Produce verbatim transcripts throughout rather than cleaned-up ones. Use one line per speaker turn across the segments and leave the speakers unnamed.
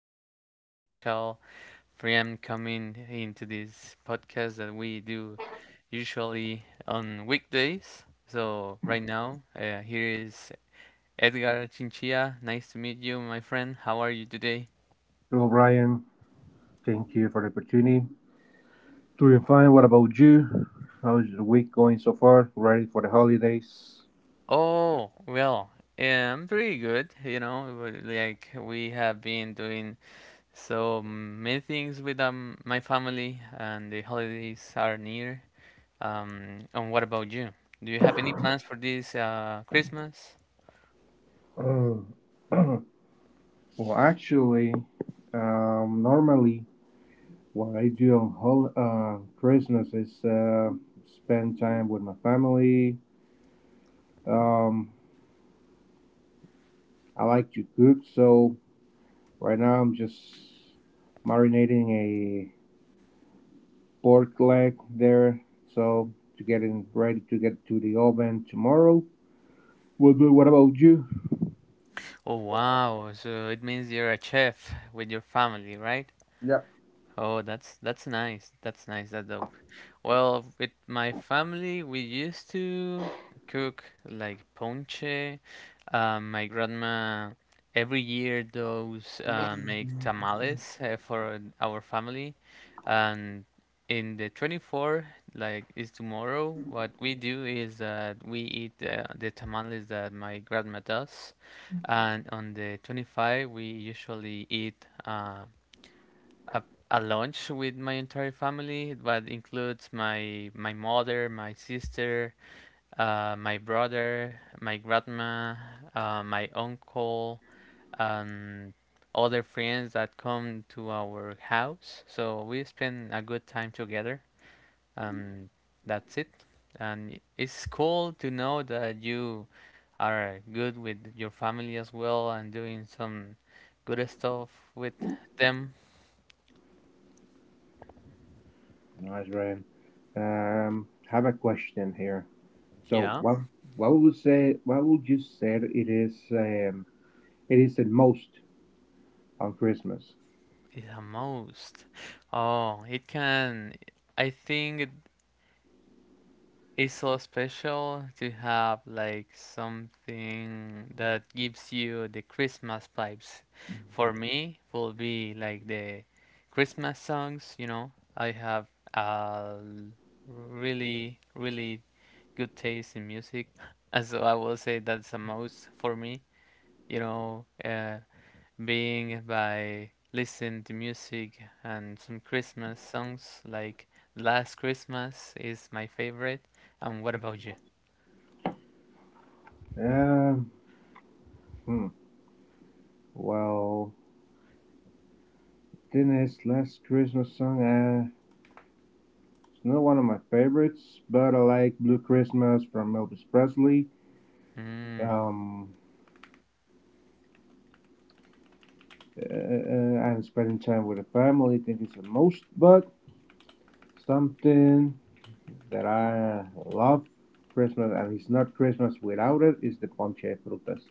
have a really special friend coming into this podcast that we do usually on weekdays. So, right now, uh, here is Edgar Chinchilla. Nice to meet you, my friend. How are you today?
Hello, Brian. Thank you for the opportunity. Doing fine. What about you? How's the week going so far? Ready for the holidays?
Oh, well, yeah, I'm pretty good. You know, w- like we have been doing so many things with um, my family, and the holidays are near. Um, and what about you? Do you have any plans for this uh, Christmas?
Oh, well, actually, um, normally what I do on hol- uh, Christmas is uh, spend time with my family. Um, I like to cook, so right now I'm just marinating a pork leg there, so to get it ready to get to the oven tomorrow. What, what about you?
Oh wow! So it means you're a chef with your family, right?
Yep.
Oh, that's that's nice. That's nice. That's the well, with my family, we used to cook like ponche. Um, my grandma every year does uh, make tamales uh, for our family, and in the twenty-fourth, like is tomorrow, what we do is that we eat uh, the tamales that my grandma does, and on the twenty-fifth we usually eat Uh, a, a lunch with my entire family that includes my my mother, my sister, uh, my brother, my grandma, uh, my uncle, and other friends that come to our house. So we spend a good time together, and that's it. And it's cool to know that you are good with your family as well and doing some good stuff with them.
Nice, Ryan. Um, have a question here. So,
Yeah,
what what would say what would you say it is um it is the most on Christmas?
the most. Oh, it can. I think it is so special to have like something that gives you the Christmas vibes. For me, will be like the Christmas songs, you know. I have a really, really good taste in music. And so I will say that's the most for me, you know, uh, being by listening to music and some Christmas songs like Last Christmas is my favorite. And what about you?
Um, hmm. Well, this last Christmas song, uh, it's not one of my favorites, but I like Blue Christmas from Elvis Presley.
Hmm,
Um, uh, uh, and spending time with the family, I think it's the most. But something that I love Christmas and it's not Christmas without it is the ponche de frutas.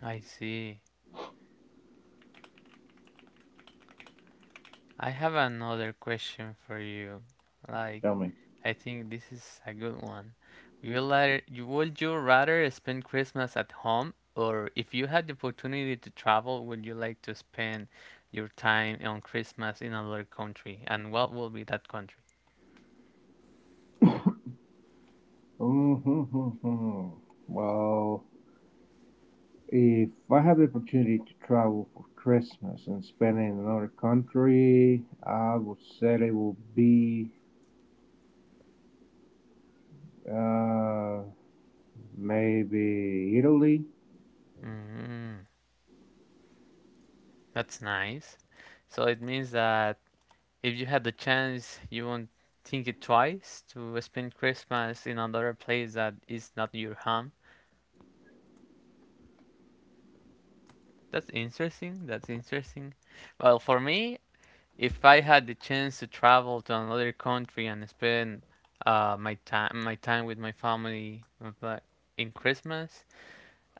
I see. I have another question for you. Like,
Tell me.
I think this is a good one. You rather, you would you rather spend Christmas at home, or if you had the opportunity to travel, would you like to spend your time on Christmas in another country? And what will be that country?
Mm-hmm. Well, if I have the opportunity to travel for Christmas and spend it in another country, I would say it will be uh, maybe Italy.
Mm, that's nice. So it means that if you had the chance, you won't think it twice to spend Christmas in another place that is not your home. That's interesting. That's interesting. Well, for me, if I had the chance to travel to another country and spend uh, my time my time with my family uh, but in Christmas,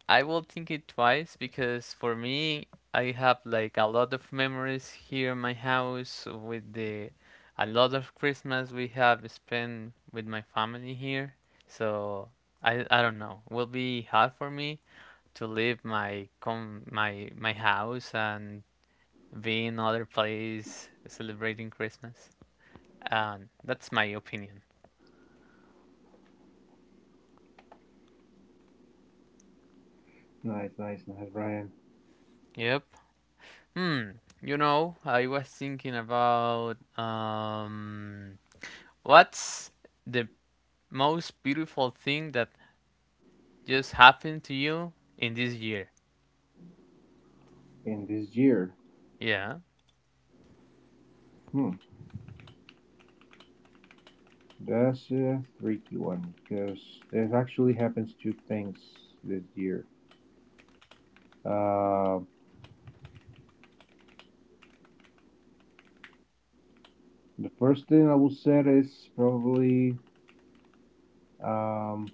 I will think it twice because for me, I have like a lot of memories here in my house with the a lot of Christmas we have spent with my family here. So I I don't know. Will be hard for me to leave my com my my house and be in other place celebrating Christmas. And that's my opinion.
Nice, nice, nice, Brian.
Yep. Hmm. You know, I was thinking about um, what's the most beautiful thing that just happened to you in this year?
In this year.
Yeah.
Hmm. That's a tricky one because there actually happens two things this year. Uh, the first thing I would say is probably um,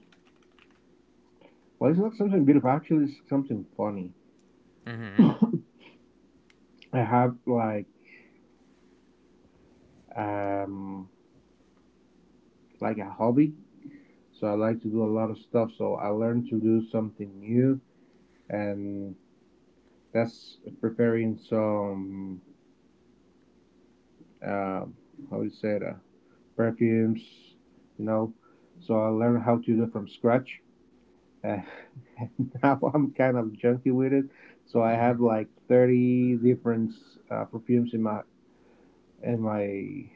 well, it's not something beautiful. Actually, it's something funny.
Mhm.
I have like um like a hobby, so I like to do a lot of stuff. So I learned to do something new, and that's preparing some uh, how do you say that? Perfumes, you know. So I learned how to do it from scratch. Uh, Now I'm kind of junky with it. So I
Mhm.
have like thirty different uh, perfumes in my in my in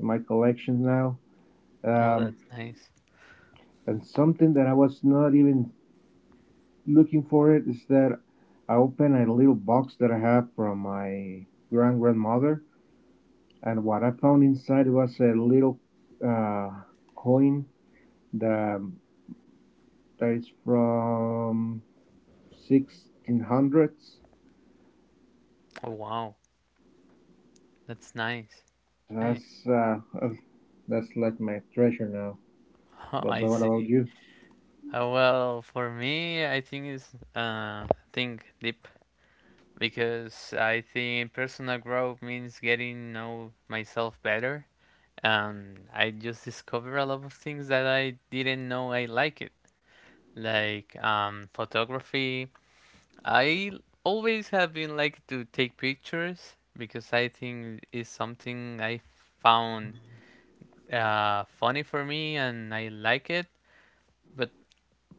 my collection now.
Oh,
Um,
that's nice.
and something that I was not even looking for it is that I opened a little box that I have from my grand grandmother, and what I found inside was a little uh, coin that um, that is from sixteen hundreds.
Oh, wow. That's nice. Hey.
That's uh, uh, that's like my treasure now.
Oh,
But
I
what about
see.
you?
Uh, well, for me, I think it's uh, think deep because I think personal growth means getting to know myself better. Um, I just discover a lot of things that I didn't know I like it, like um, photography. I always have been like to take pictures because I think it's something I found uh, funny for me and I like it. But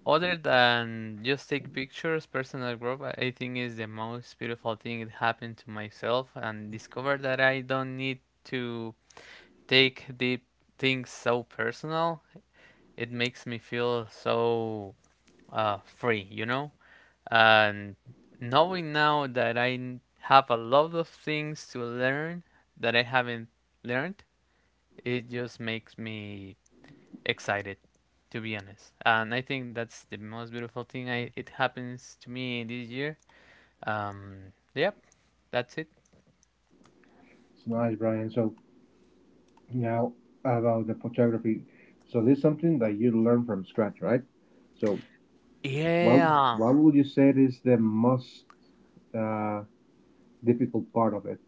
other than just take pictures, personal growth, I I think is the most beautiful thing that happened to myself and discover that I don't need to take deep things so personal. It makes me feel so uh, free, you know? And knowing now that I n- have a lot of things to learn that I haven't learned, it just makes me excited to be honest. And I think that's the most beautiful thing I, it happens to me this year, um yep, that's it.
It's nice, Brian. So now about the photography. So this is something that you learn from scratch, right? So what
Yeah,
what would you say is the most uh, difficult part of it?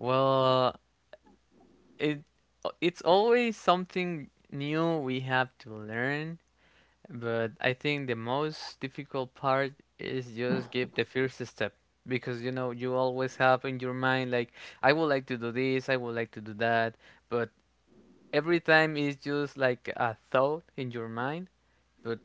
well it it's always something new we have to learn, but I think the most difficult part is just give the first step because you know you always have in your mind like I would like to do this, I would like to do that, but every time it's just like a thought in your mind. But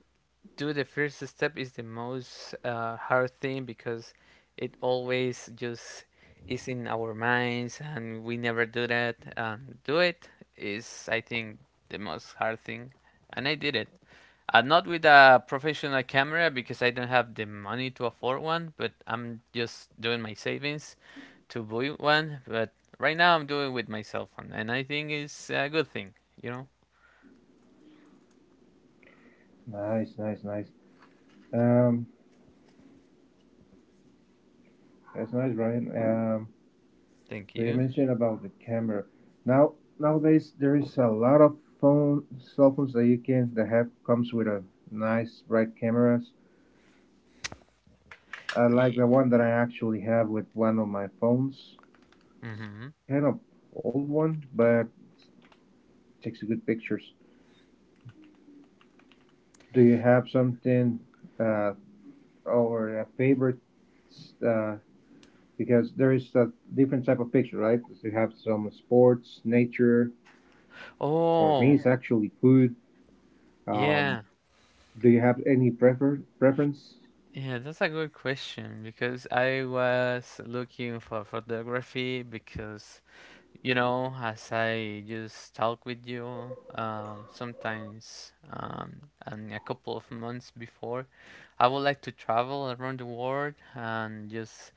do the first step is the most uh, hard thing because it always just is in our minds and we never do that. And do it is, I think, the most hard thing. And I did it. Uh, not with a professional camera because I don't have the money to afford one, but I'm just doing my savings to buy one. But right now I'm doing it with my cell phone, and I think it's a good thing, you know?
Nice, nice, nice. Um, that's nice, Brian. Um,
Thank
So you
you.
mentioned about the camera. Now nowadays there is a lot of phone cell phones that you can that have comes with a nice bright cameras. I like
Yeah.
the one that I actually have with one of my phones. It's
Mm-hmm.
kind of old one, but takes good pictures. Do you have something uh, or a favorite? Uh, because there is a different type of picture, right? You have some sports, nature. For me,
Oh,
it's actually food. Um,
yeah,
Do you have any prefer preference?
yeah, that's a good question because I was looking for photography because, you know, as I just talk with you, um, sometimes, um, and a couple of months before, I would like to travel around the world and just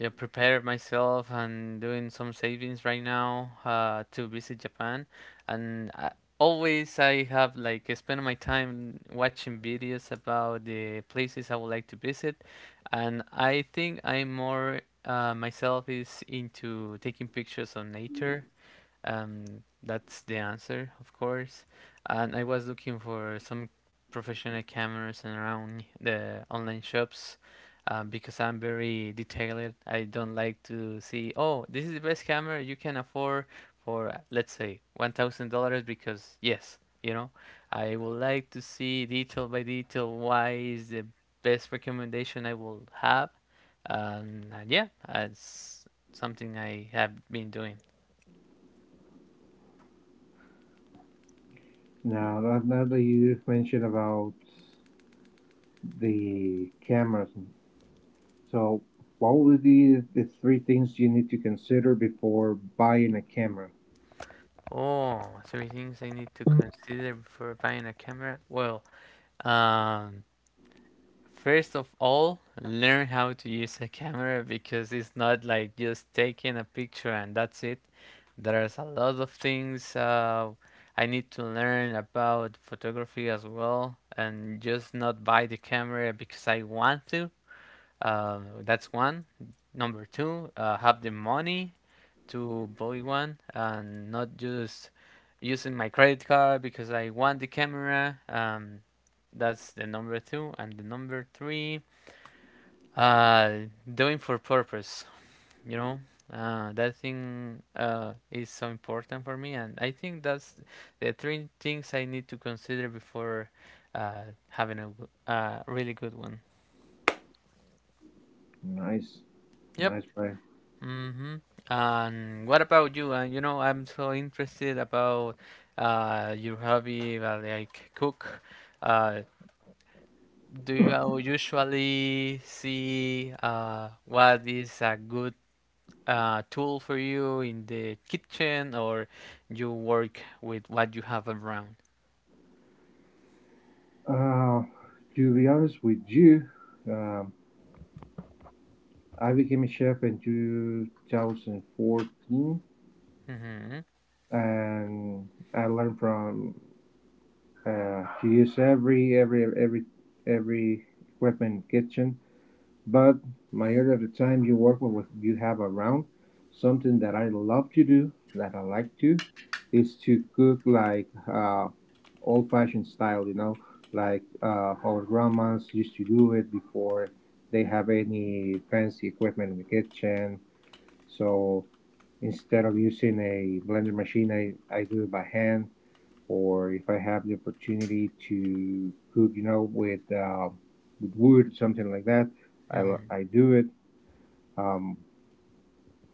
yeah, prepare myself and doing some savings right now uh, to visit Japan. And I, always I have like spend my time watching videos about the places I would like to visit. And I think I'm more uh, myself is into taking pictures of nature, um, that's the answer, of course. And I was looking for some professional cameras around the online shops uh, because I'm very detailed. I don't like to see, oh, this is the best camera you can afford for, uh, let's say, one thousand dollars because, yes, you know, I would like to see detail by detail why is the best recommendation I will have. Um, and yeah, that's something I have been doing.
Now that now that you mentioned about the cameras, so what would be the three things you need to consider before buying a camera?
Oh, three things I need to consider before buying a camera. Well, um, first of all, learn how to use a camera because it's not like just taking a picture and that's it. There's a lot of things uh, I need to learn about photography as well, and just not buy the camera because I want to. Um, that's one. Number two, uh, have the money to buy one and not just using my credit card because I want the camera. Um, that's the number two. And the number three, uh, doing for purpose, you know. Uh, that thing uh, is so important for me, and I think that's the three things I need to consider before uh, having a w- a really good one.
Nice,
Yep.
nice, Brian.
Mm-hmm. And what about you? And you know, I'm so interested about uh, your hobby, uh, like cook. Uh, do you uh, usually see uh, what is a good uh, tool for you in the kitchen, or you work with what you have around?
Uh, to be honest with you, um, I became a chef in two thousand fourteen,
Mm-hmm.
and I learned from uh, to use every every every every equipment in the kitchen. But majority of the time you work with what you have around. Something that I love to do, that I like to, is to cook like uh, old fashioned style, you know, like uh, our grandmas used to do it before they have any fancy equipment in the kitchen. So instead of using a blender machine, I, I do it by hand. Or if I have the opportunity to cook, you know, with, uh, with wood, something like that, I,
Mm-hmm.
I do it, um,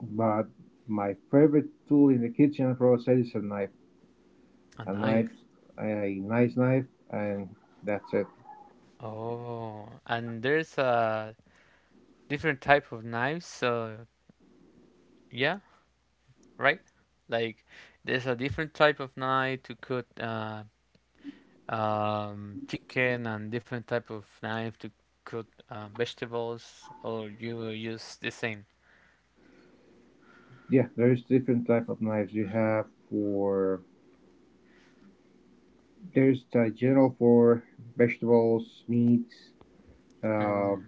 but my favorite tool in the kitchen process is a knife.
A
A knife,
knife.
a nice knife, and that's it.
Oh, and there's uh, different type of knives. So yeah, right? Like there's a different type of knife to cut uh, um, chicken and different type of knife to cut uh, vegetables, or you will use the same.
Yeah, there's different type of knives you have for. There's a general for vegetables, meats. Uh,
Mm,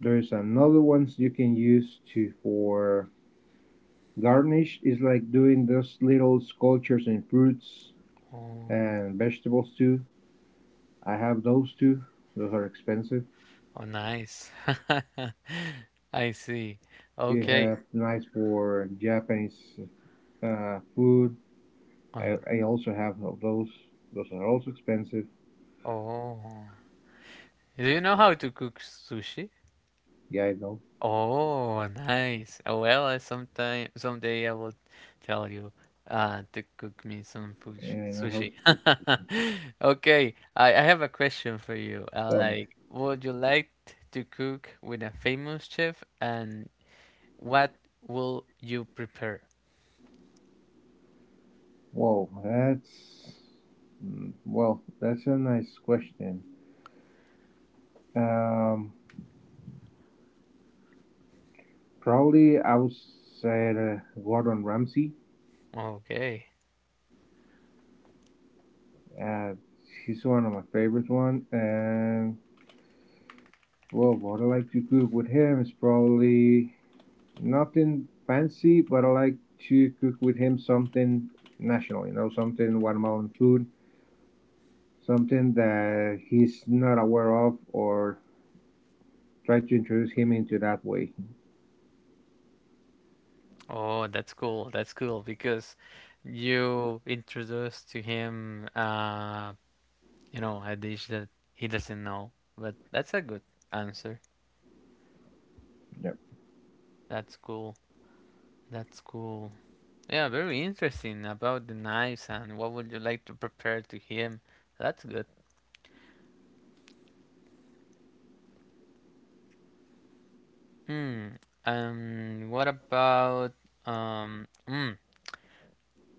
there's another ones you can use to for garnish. Is like doing those little sculptures in fruits
oh,
and vegetables too. I have those too. Those are expensive.
oh, nice. I see.
You
Okay.
have nice for Japanese uh, food.
Uh,
I, I also have those. Those are also expensive.
oh, do you know how to cook sushi?
Yeah, I know.
Oh, nice. Oh, well, I sometime someday I will tell you uh to cook me some fush-
And I
sushi.
hope you
Okay, I I have a question for you. Uh,
tell me.
like, would you like to cook with a famous chef, and what will you prepare?
Whoa, that's mm, well, that's a nice question. Um, Probably I would say the Gordon Ramsay.
Okay.
Uh, he's one of my favorite one, and well, what I like to cook with him is probably nothing fancy, but I like to cook with him something national, you know, something Guatemalan food, something that he's not aware of, or try to introduce him into that way.
Oh, that's cool. That's cool because you introduced to him uh you know a dish that he doesn't know, but that's a good answer.
Yep.
That's cool. That's cool. Yeah, very interesting about the knives and what would you like to prepare to him. That's good. Hmm. Um. what about um? Mm,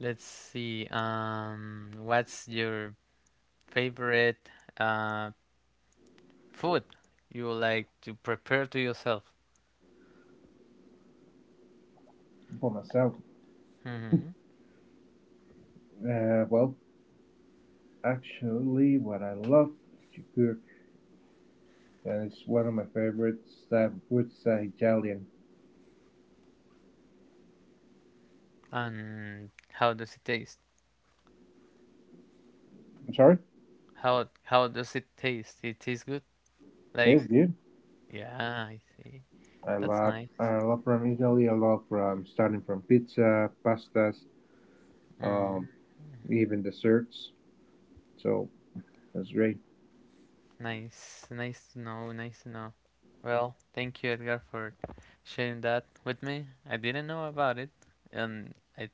let's see. Um. What's your favorite uh food you would like to prepare to yourself?
For myself,
Mm-hmm.
uh, well, actually, what I love to cook, and it's one of my favorite type of foods, is uh, Italian.
And how does it taste?
I'm sorry?
How how does it taste? It tastes good. Like
Yes, dude.
yeah, I see.
I
That's
love
nice.
I love from Italy. I love from starting from pizza, pastas,
Hmm.
um, even desserts. So that's great.
Nice, nice to know, nice to know. Well, thank you, Edgar, for sharing that with me. I didn't know about it, and I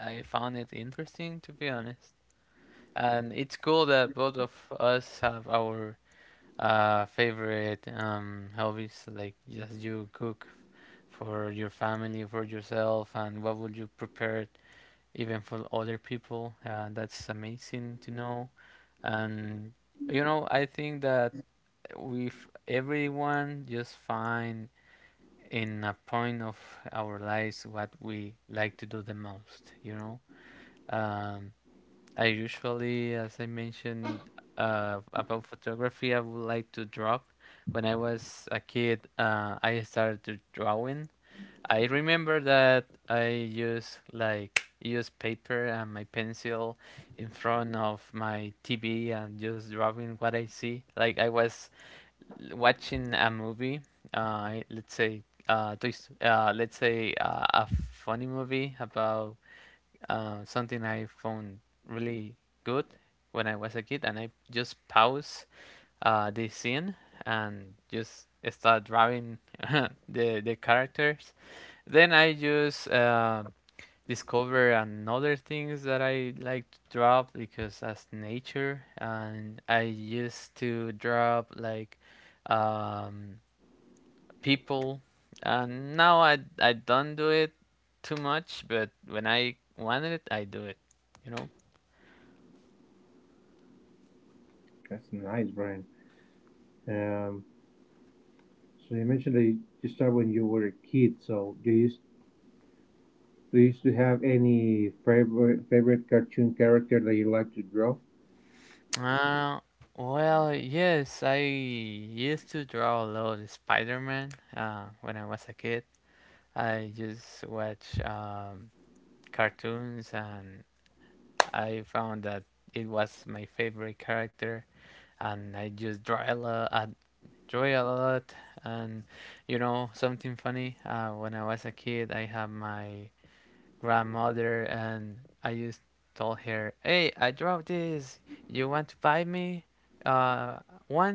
I found it interesting to be honest. And it's cool that both of us have our uh favorite um hobbies, like just you cook for your family, for yourself, and what would you prepare even for other people. Uh, that's amazing to know. And you know, I think that if everyone just find in a point of our lives what we like to do the most, you know. Um, I usually, as I mentioned uh, about photography, I would like to draw. When I was a kid, uh, I started to drawing. I remember that I used like use paper and my pencil in front of my T V and just drawing what I see. Like I was watching a movie, uh, let's say, uh, Toy Sto- uh, let's say uh, a funny movie about uh, something I found really good when I was a kid, and I just pause uh, the scene and just start drawing the the characters. Then I just uh, discover another things that I like to draw because that's nature, and I used to draw like um, people. And now I, I don't do it too much, but when I wanted it I do it you know
That's a nice, brand. Um, so you mentioned that you you started when you were a kid. So do you do you used to have any favorite favorite cartoon character that you like to draw?
uh, well, yes, I used to draw a lot of Spider-Man uh, when I was a kid. I just watch um, cartoons and I found that it was my favorite character, and I just draw a lot. I draw a lot, and you know something funny. Uh, when I was a kid, I had my grandmother and I just told her, "Hey, I draw this. You want to buy me uh one?"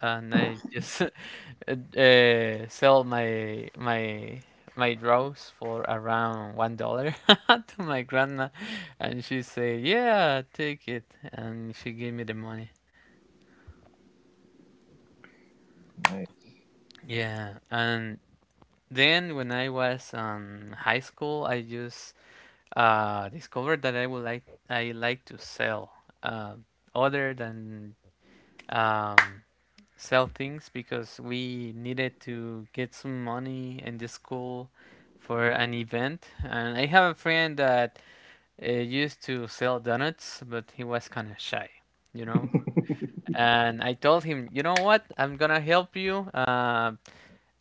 And I just uh, sell my my my draws for around one dollar to my grandma, and she say, "Yeah, take it," and she gave me the money.
Nice.
Yeah. And then when I was um high school, I just uh, discovered that I would like I like to sell, um, other than um, sell things, because we needed to get some money in the school for an event, and I have a friend that uh, used to sell donuts, but he was kind of shy you know and I told him, you know what, I'm gonna help you uh,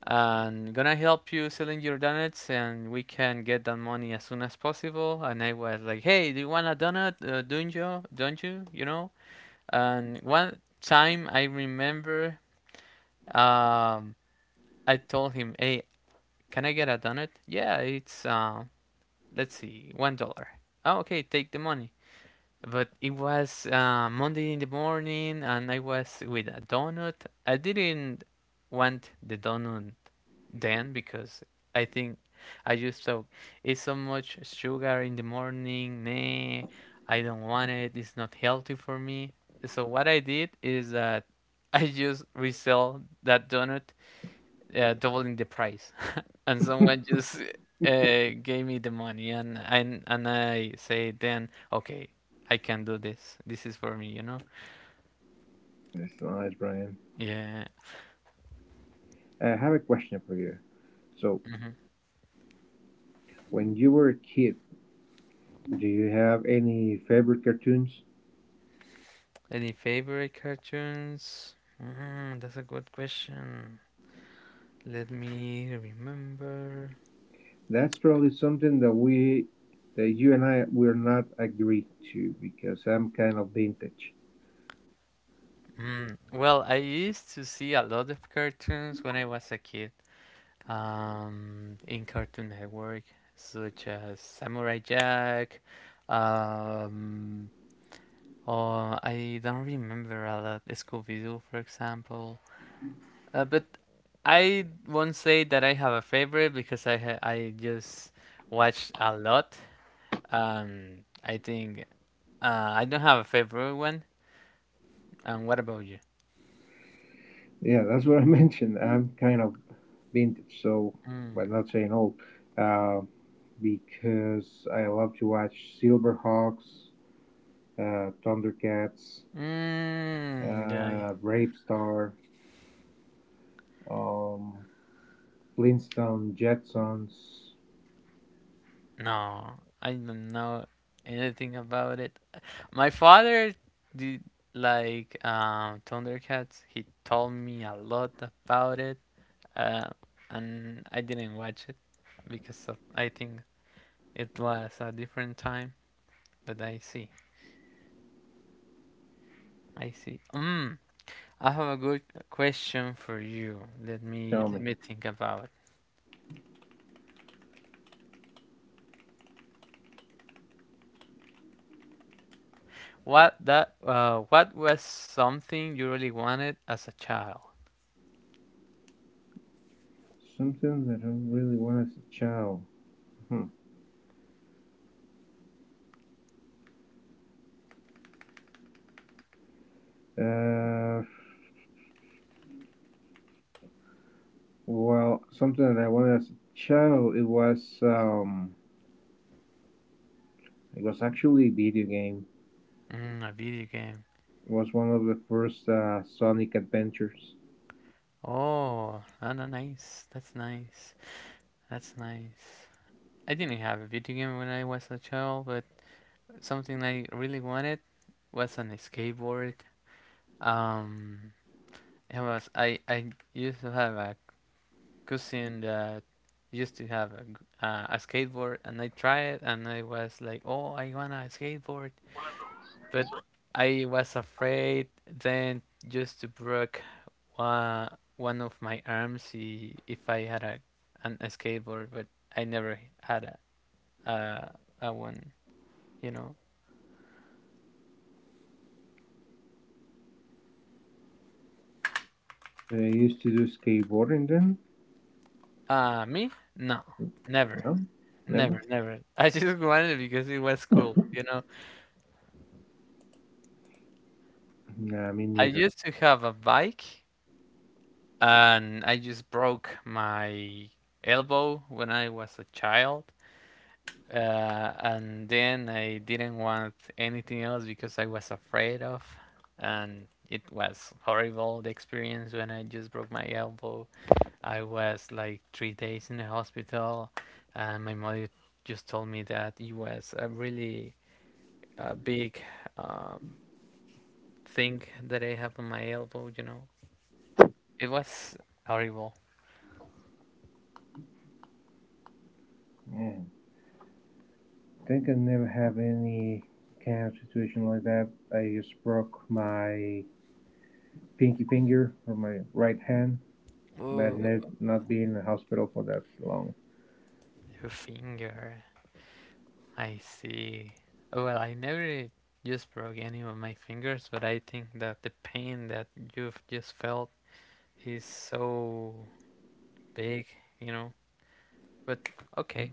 and gonna help you selling your donuts, and we can get that money as soon as possible. And I was like, "Hey, do you want a donut? Uh, don't you don't you, you know And one time I remember, um I told him, "Hey, can I get a donut?" "Yeah, it's uh let's see, one dollar." "Oh, okay, take the money." But it was uh, Monday in the morning, and I was with a donut. I didn't want the donut then, because I think I just thought it's so much sugar in the morning. Nah, I don't want it. It's not healthy for me. So what I did is that I just resell that donut, uh, doubling the price, and someone just uh, gave me the money, and and and I say then, "Okay, I can do this. This is for me, you know?"
That's a nice, Brian.
Yeah.
I have a question for you. So
Hmm.
when you were a kid, do you have any favorite cartoons?
Any favorite cartoons? Mm, that's a good question. Let me remember.
That's probably something that we that you and I will not agree to because I'm kind of vintage.
Mm, well, I used to see a lot of cartoons when I was a kid. Um, in Cartoon Network, such as Samurai Jack. Um, oh, I don't remember a lot. Scooby-Doo, for example. Uh, but I won't say that I have a favorite because I ha I just watched a lot. Um, I think uh, I don't have a favorite one. And what about you?
Yeah, that's what I mentioned. I'm kind of vintage, so by not saying old, uh, because I love to watch Silverhawks, uh, Thundercats,
Mm, yeah, I,
uh, Brave Star, um, Flintstone, Jetsons.
no, I don't know anything about it. My father did like um, Thundercats. He told me a lot about it, uh, and I didn't watch it because of, I think it was a different time. But I see, I see. Mm, I have a good question for you. Let me
Tell
let
me
me think about what that. Uh, what was something you really wanted as a child?
something that I really wanted as a child. Hmm. Uh, well, something that I wanted as a child it was um, it was actually a video game
Mm, a video game.
was one of the first uh, Sonic adventures.
Oh, that's nice. That's nice. That's nice. I didn't have a video game when I was a child, but something I really wanted was an skateboard. Um, it was I I used to have a cousin that used to have a, g- uh, a skateboard, and I tried it, and I was like, "Oh, I want a skateboard." But I was afraid then just to break one, one of my arms i- if I had a an, a skateboard, but I never had a, a, a one, you know.
I used to do skateboarding then.
Uh, me? No, never,
Well, never.
never, never. I just wanted it because it was cool, you know.
Nah, me
I
neither.
used to have a bike, and I just broke my elbow when I was a child. Uh, and then I didn't want anything else because I was afraid of, and it was horrible the experience when I just broke my elbow. I was like three days in the hospital, and my mother just told me that it was a really uh, big uh, thing that I have on my elbow. You know, it was horrible.
Yeah. I think I never have any kind of situation like that. I just broke my pinky finger or my right hand, but
Ooh,
ne- not being in the hospital for that long.
her finger. I see. Well, I never just broke any of my fingers, but I think that the pain that you've just felt is so big, you know. But okay,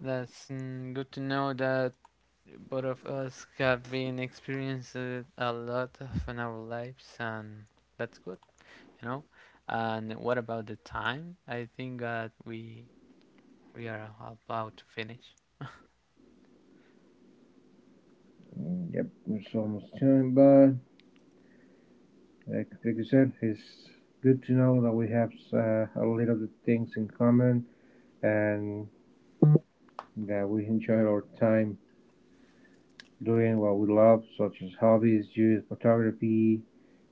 that's mm, good to know that both of us have been experienced a lot of in our lives, and that's good, you know. And what about the time? I think that we we are about to finish.
Mm, Yep, it's almost time, but like, like you said, it's good to know that we have uh, a little bit things in common and that we enjoy our time doing what we love, such as hobbies, youth, photography,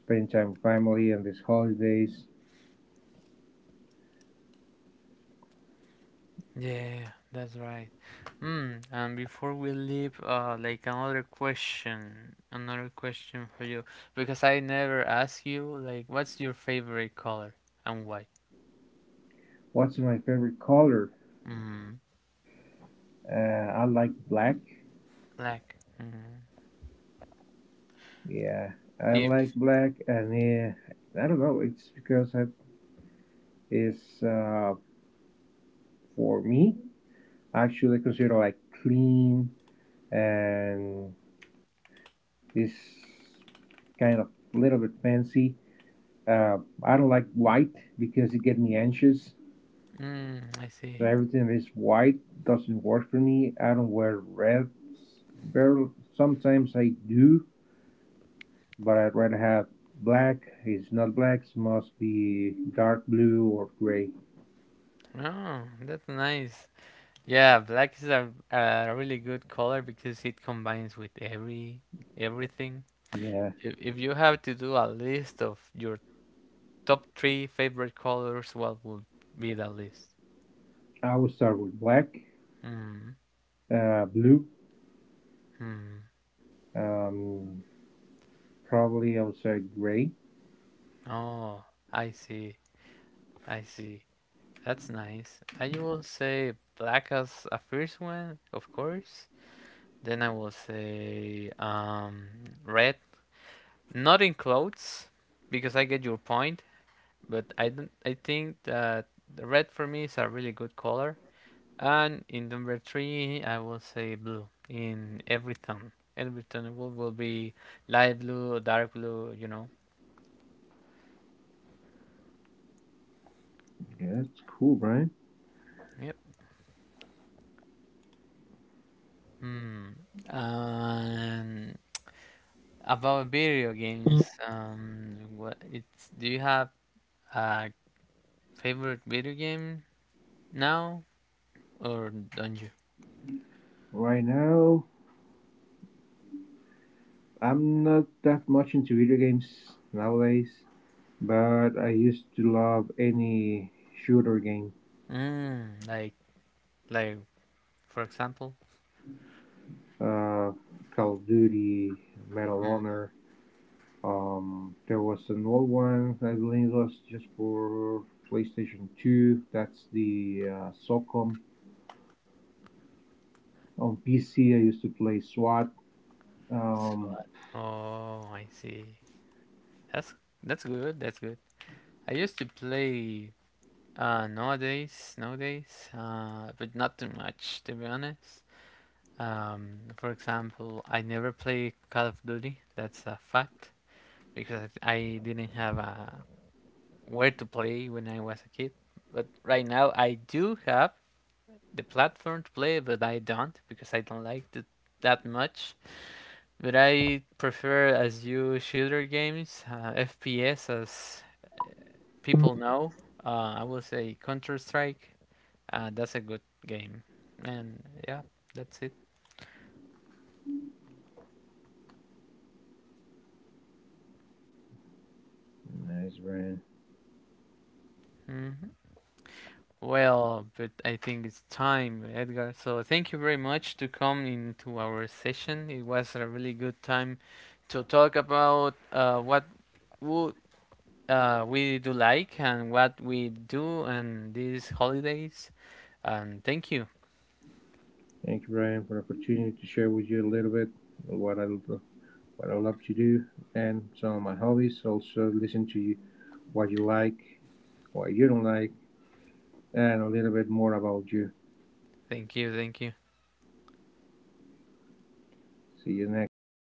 spending time with family, and these holidays.
Yeah, that's right. Mm, and before we leave, uh, like another question, another question for you, because I never ask you, like, what's your favorite color and why?
What's my favorite color?
Mm,
Uh, I like black.
Black. Mm.
Yeah, I
If,
like black, and uh, I don't know. It's because it is uh, for me. I actually consider like clean and this kind of little bit fancy. Uh, I don't like white because it get me anxious.
mm, I
So
see.
everything that is white doesn't work for me. I don't wear reds. Barely, sometimes I do, but I'd rather have black. It's not black. It must be dark blue or gray.
Oh, that's nice. Yeah, black is a, a really good color because it combines with every everything.
Yeah,
If, if you have to do a list of your top three favorite colors, what would be the list?
I would start with black,
Hmm.
uh, blue,
Hmm.
um, probably I would say gray.
Oh, I see. I see. That's nice. I will say black as a first one, of course. Then I will say um red, not in clothes, because I get your point. But I don't. I think that the red for me is a really good color. And in number three, I will say blue in every tone. Every tone will will be light blue, dark blue. You know.
Yeah, that's cool, Brian.
Yep. Hmm. Um, about video games, um, what it's do you have a favorite video game now, or don't you?
Right now, I'm not that much into video games nowadays, but I used to love any shooter game.
Mm, like like for example,
uh, Call of Duty, Medal of Honor. Um, there was an old one, I believe it was just for PlayStation two. That's the uh, SOCOM. On P C, I used to play SWAT. Um,
SWAT. Oh, I see. That's that's good. That's good. I used to play uh nowadays nowadays uh but not too much, to be honest. Um, for example, I never play Call of Duty. That's a fact. Because I didn't have a where to play when I was a kid. But right now I do have the platform to play, but I don't because I don't like it that much. But I prefer, as you shooter games, uh, F P S, as people know. Uh, I will say Counter Strike. Uh, that's a good game, and yeah, that's it.
Nice, Brian.
Hmm. Well, but I think it's time, Edgar. So thank you very much to come into our session. It was a really good time to talk about uh, what would uh, we do like and what we do and these holidays. And thank you,
Thank you, Brian, for the opportunity to share with you a little bit what I what I love to do and some of my hobbies. Also, listen to you, what you like, what you don't like, and a little bit more about you.
thank you, thank you.
See you next time.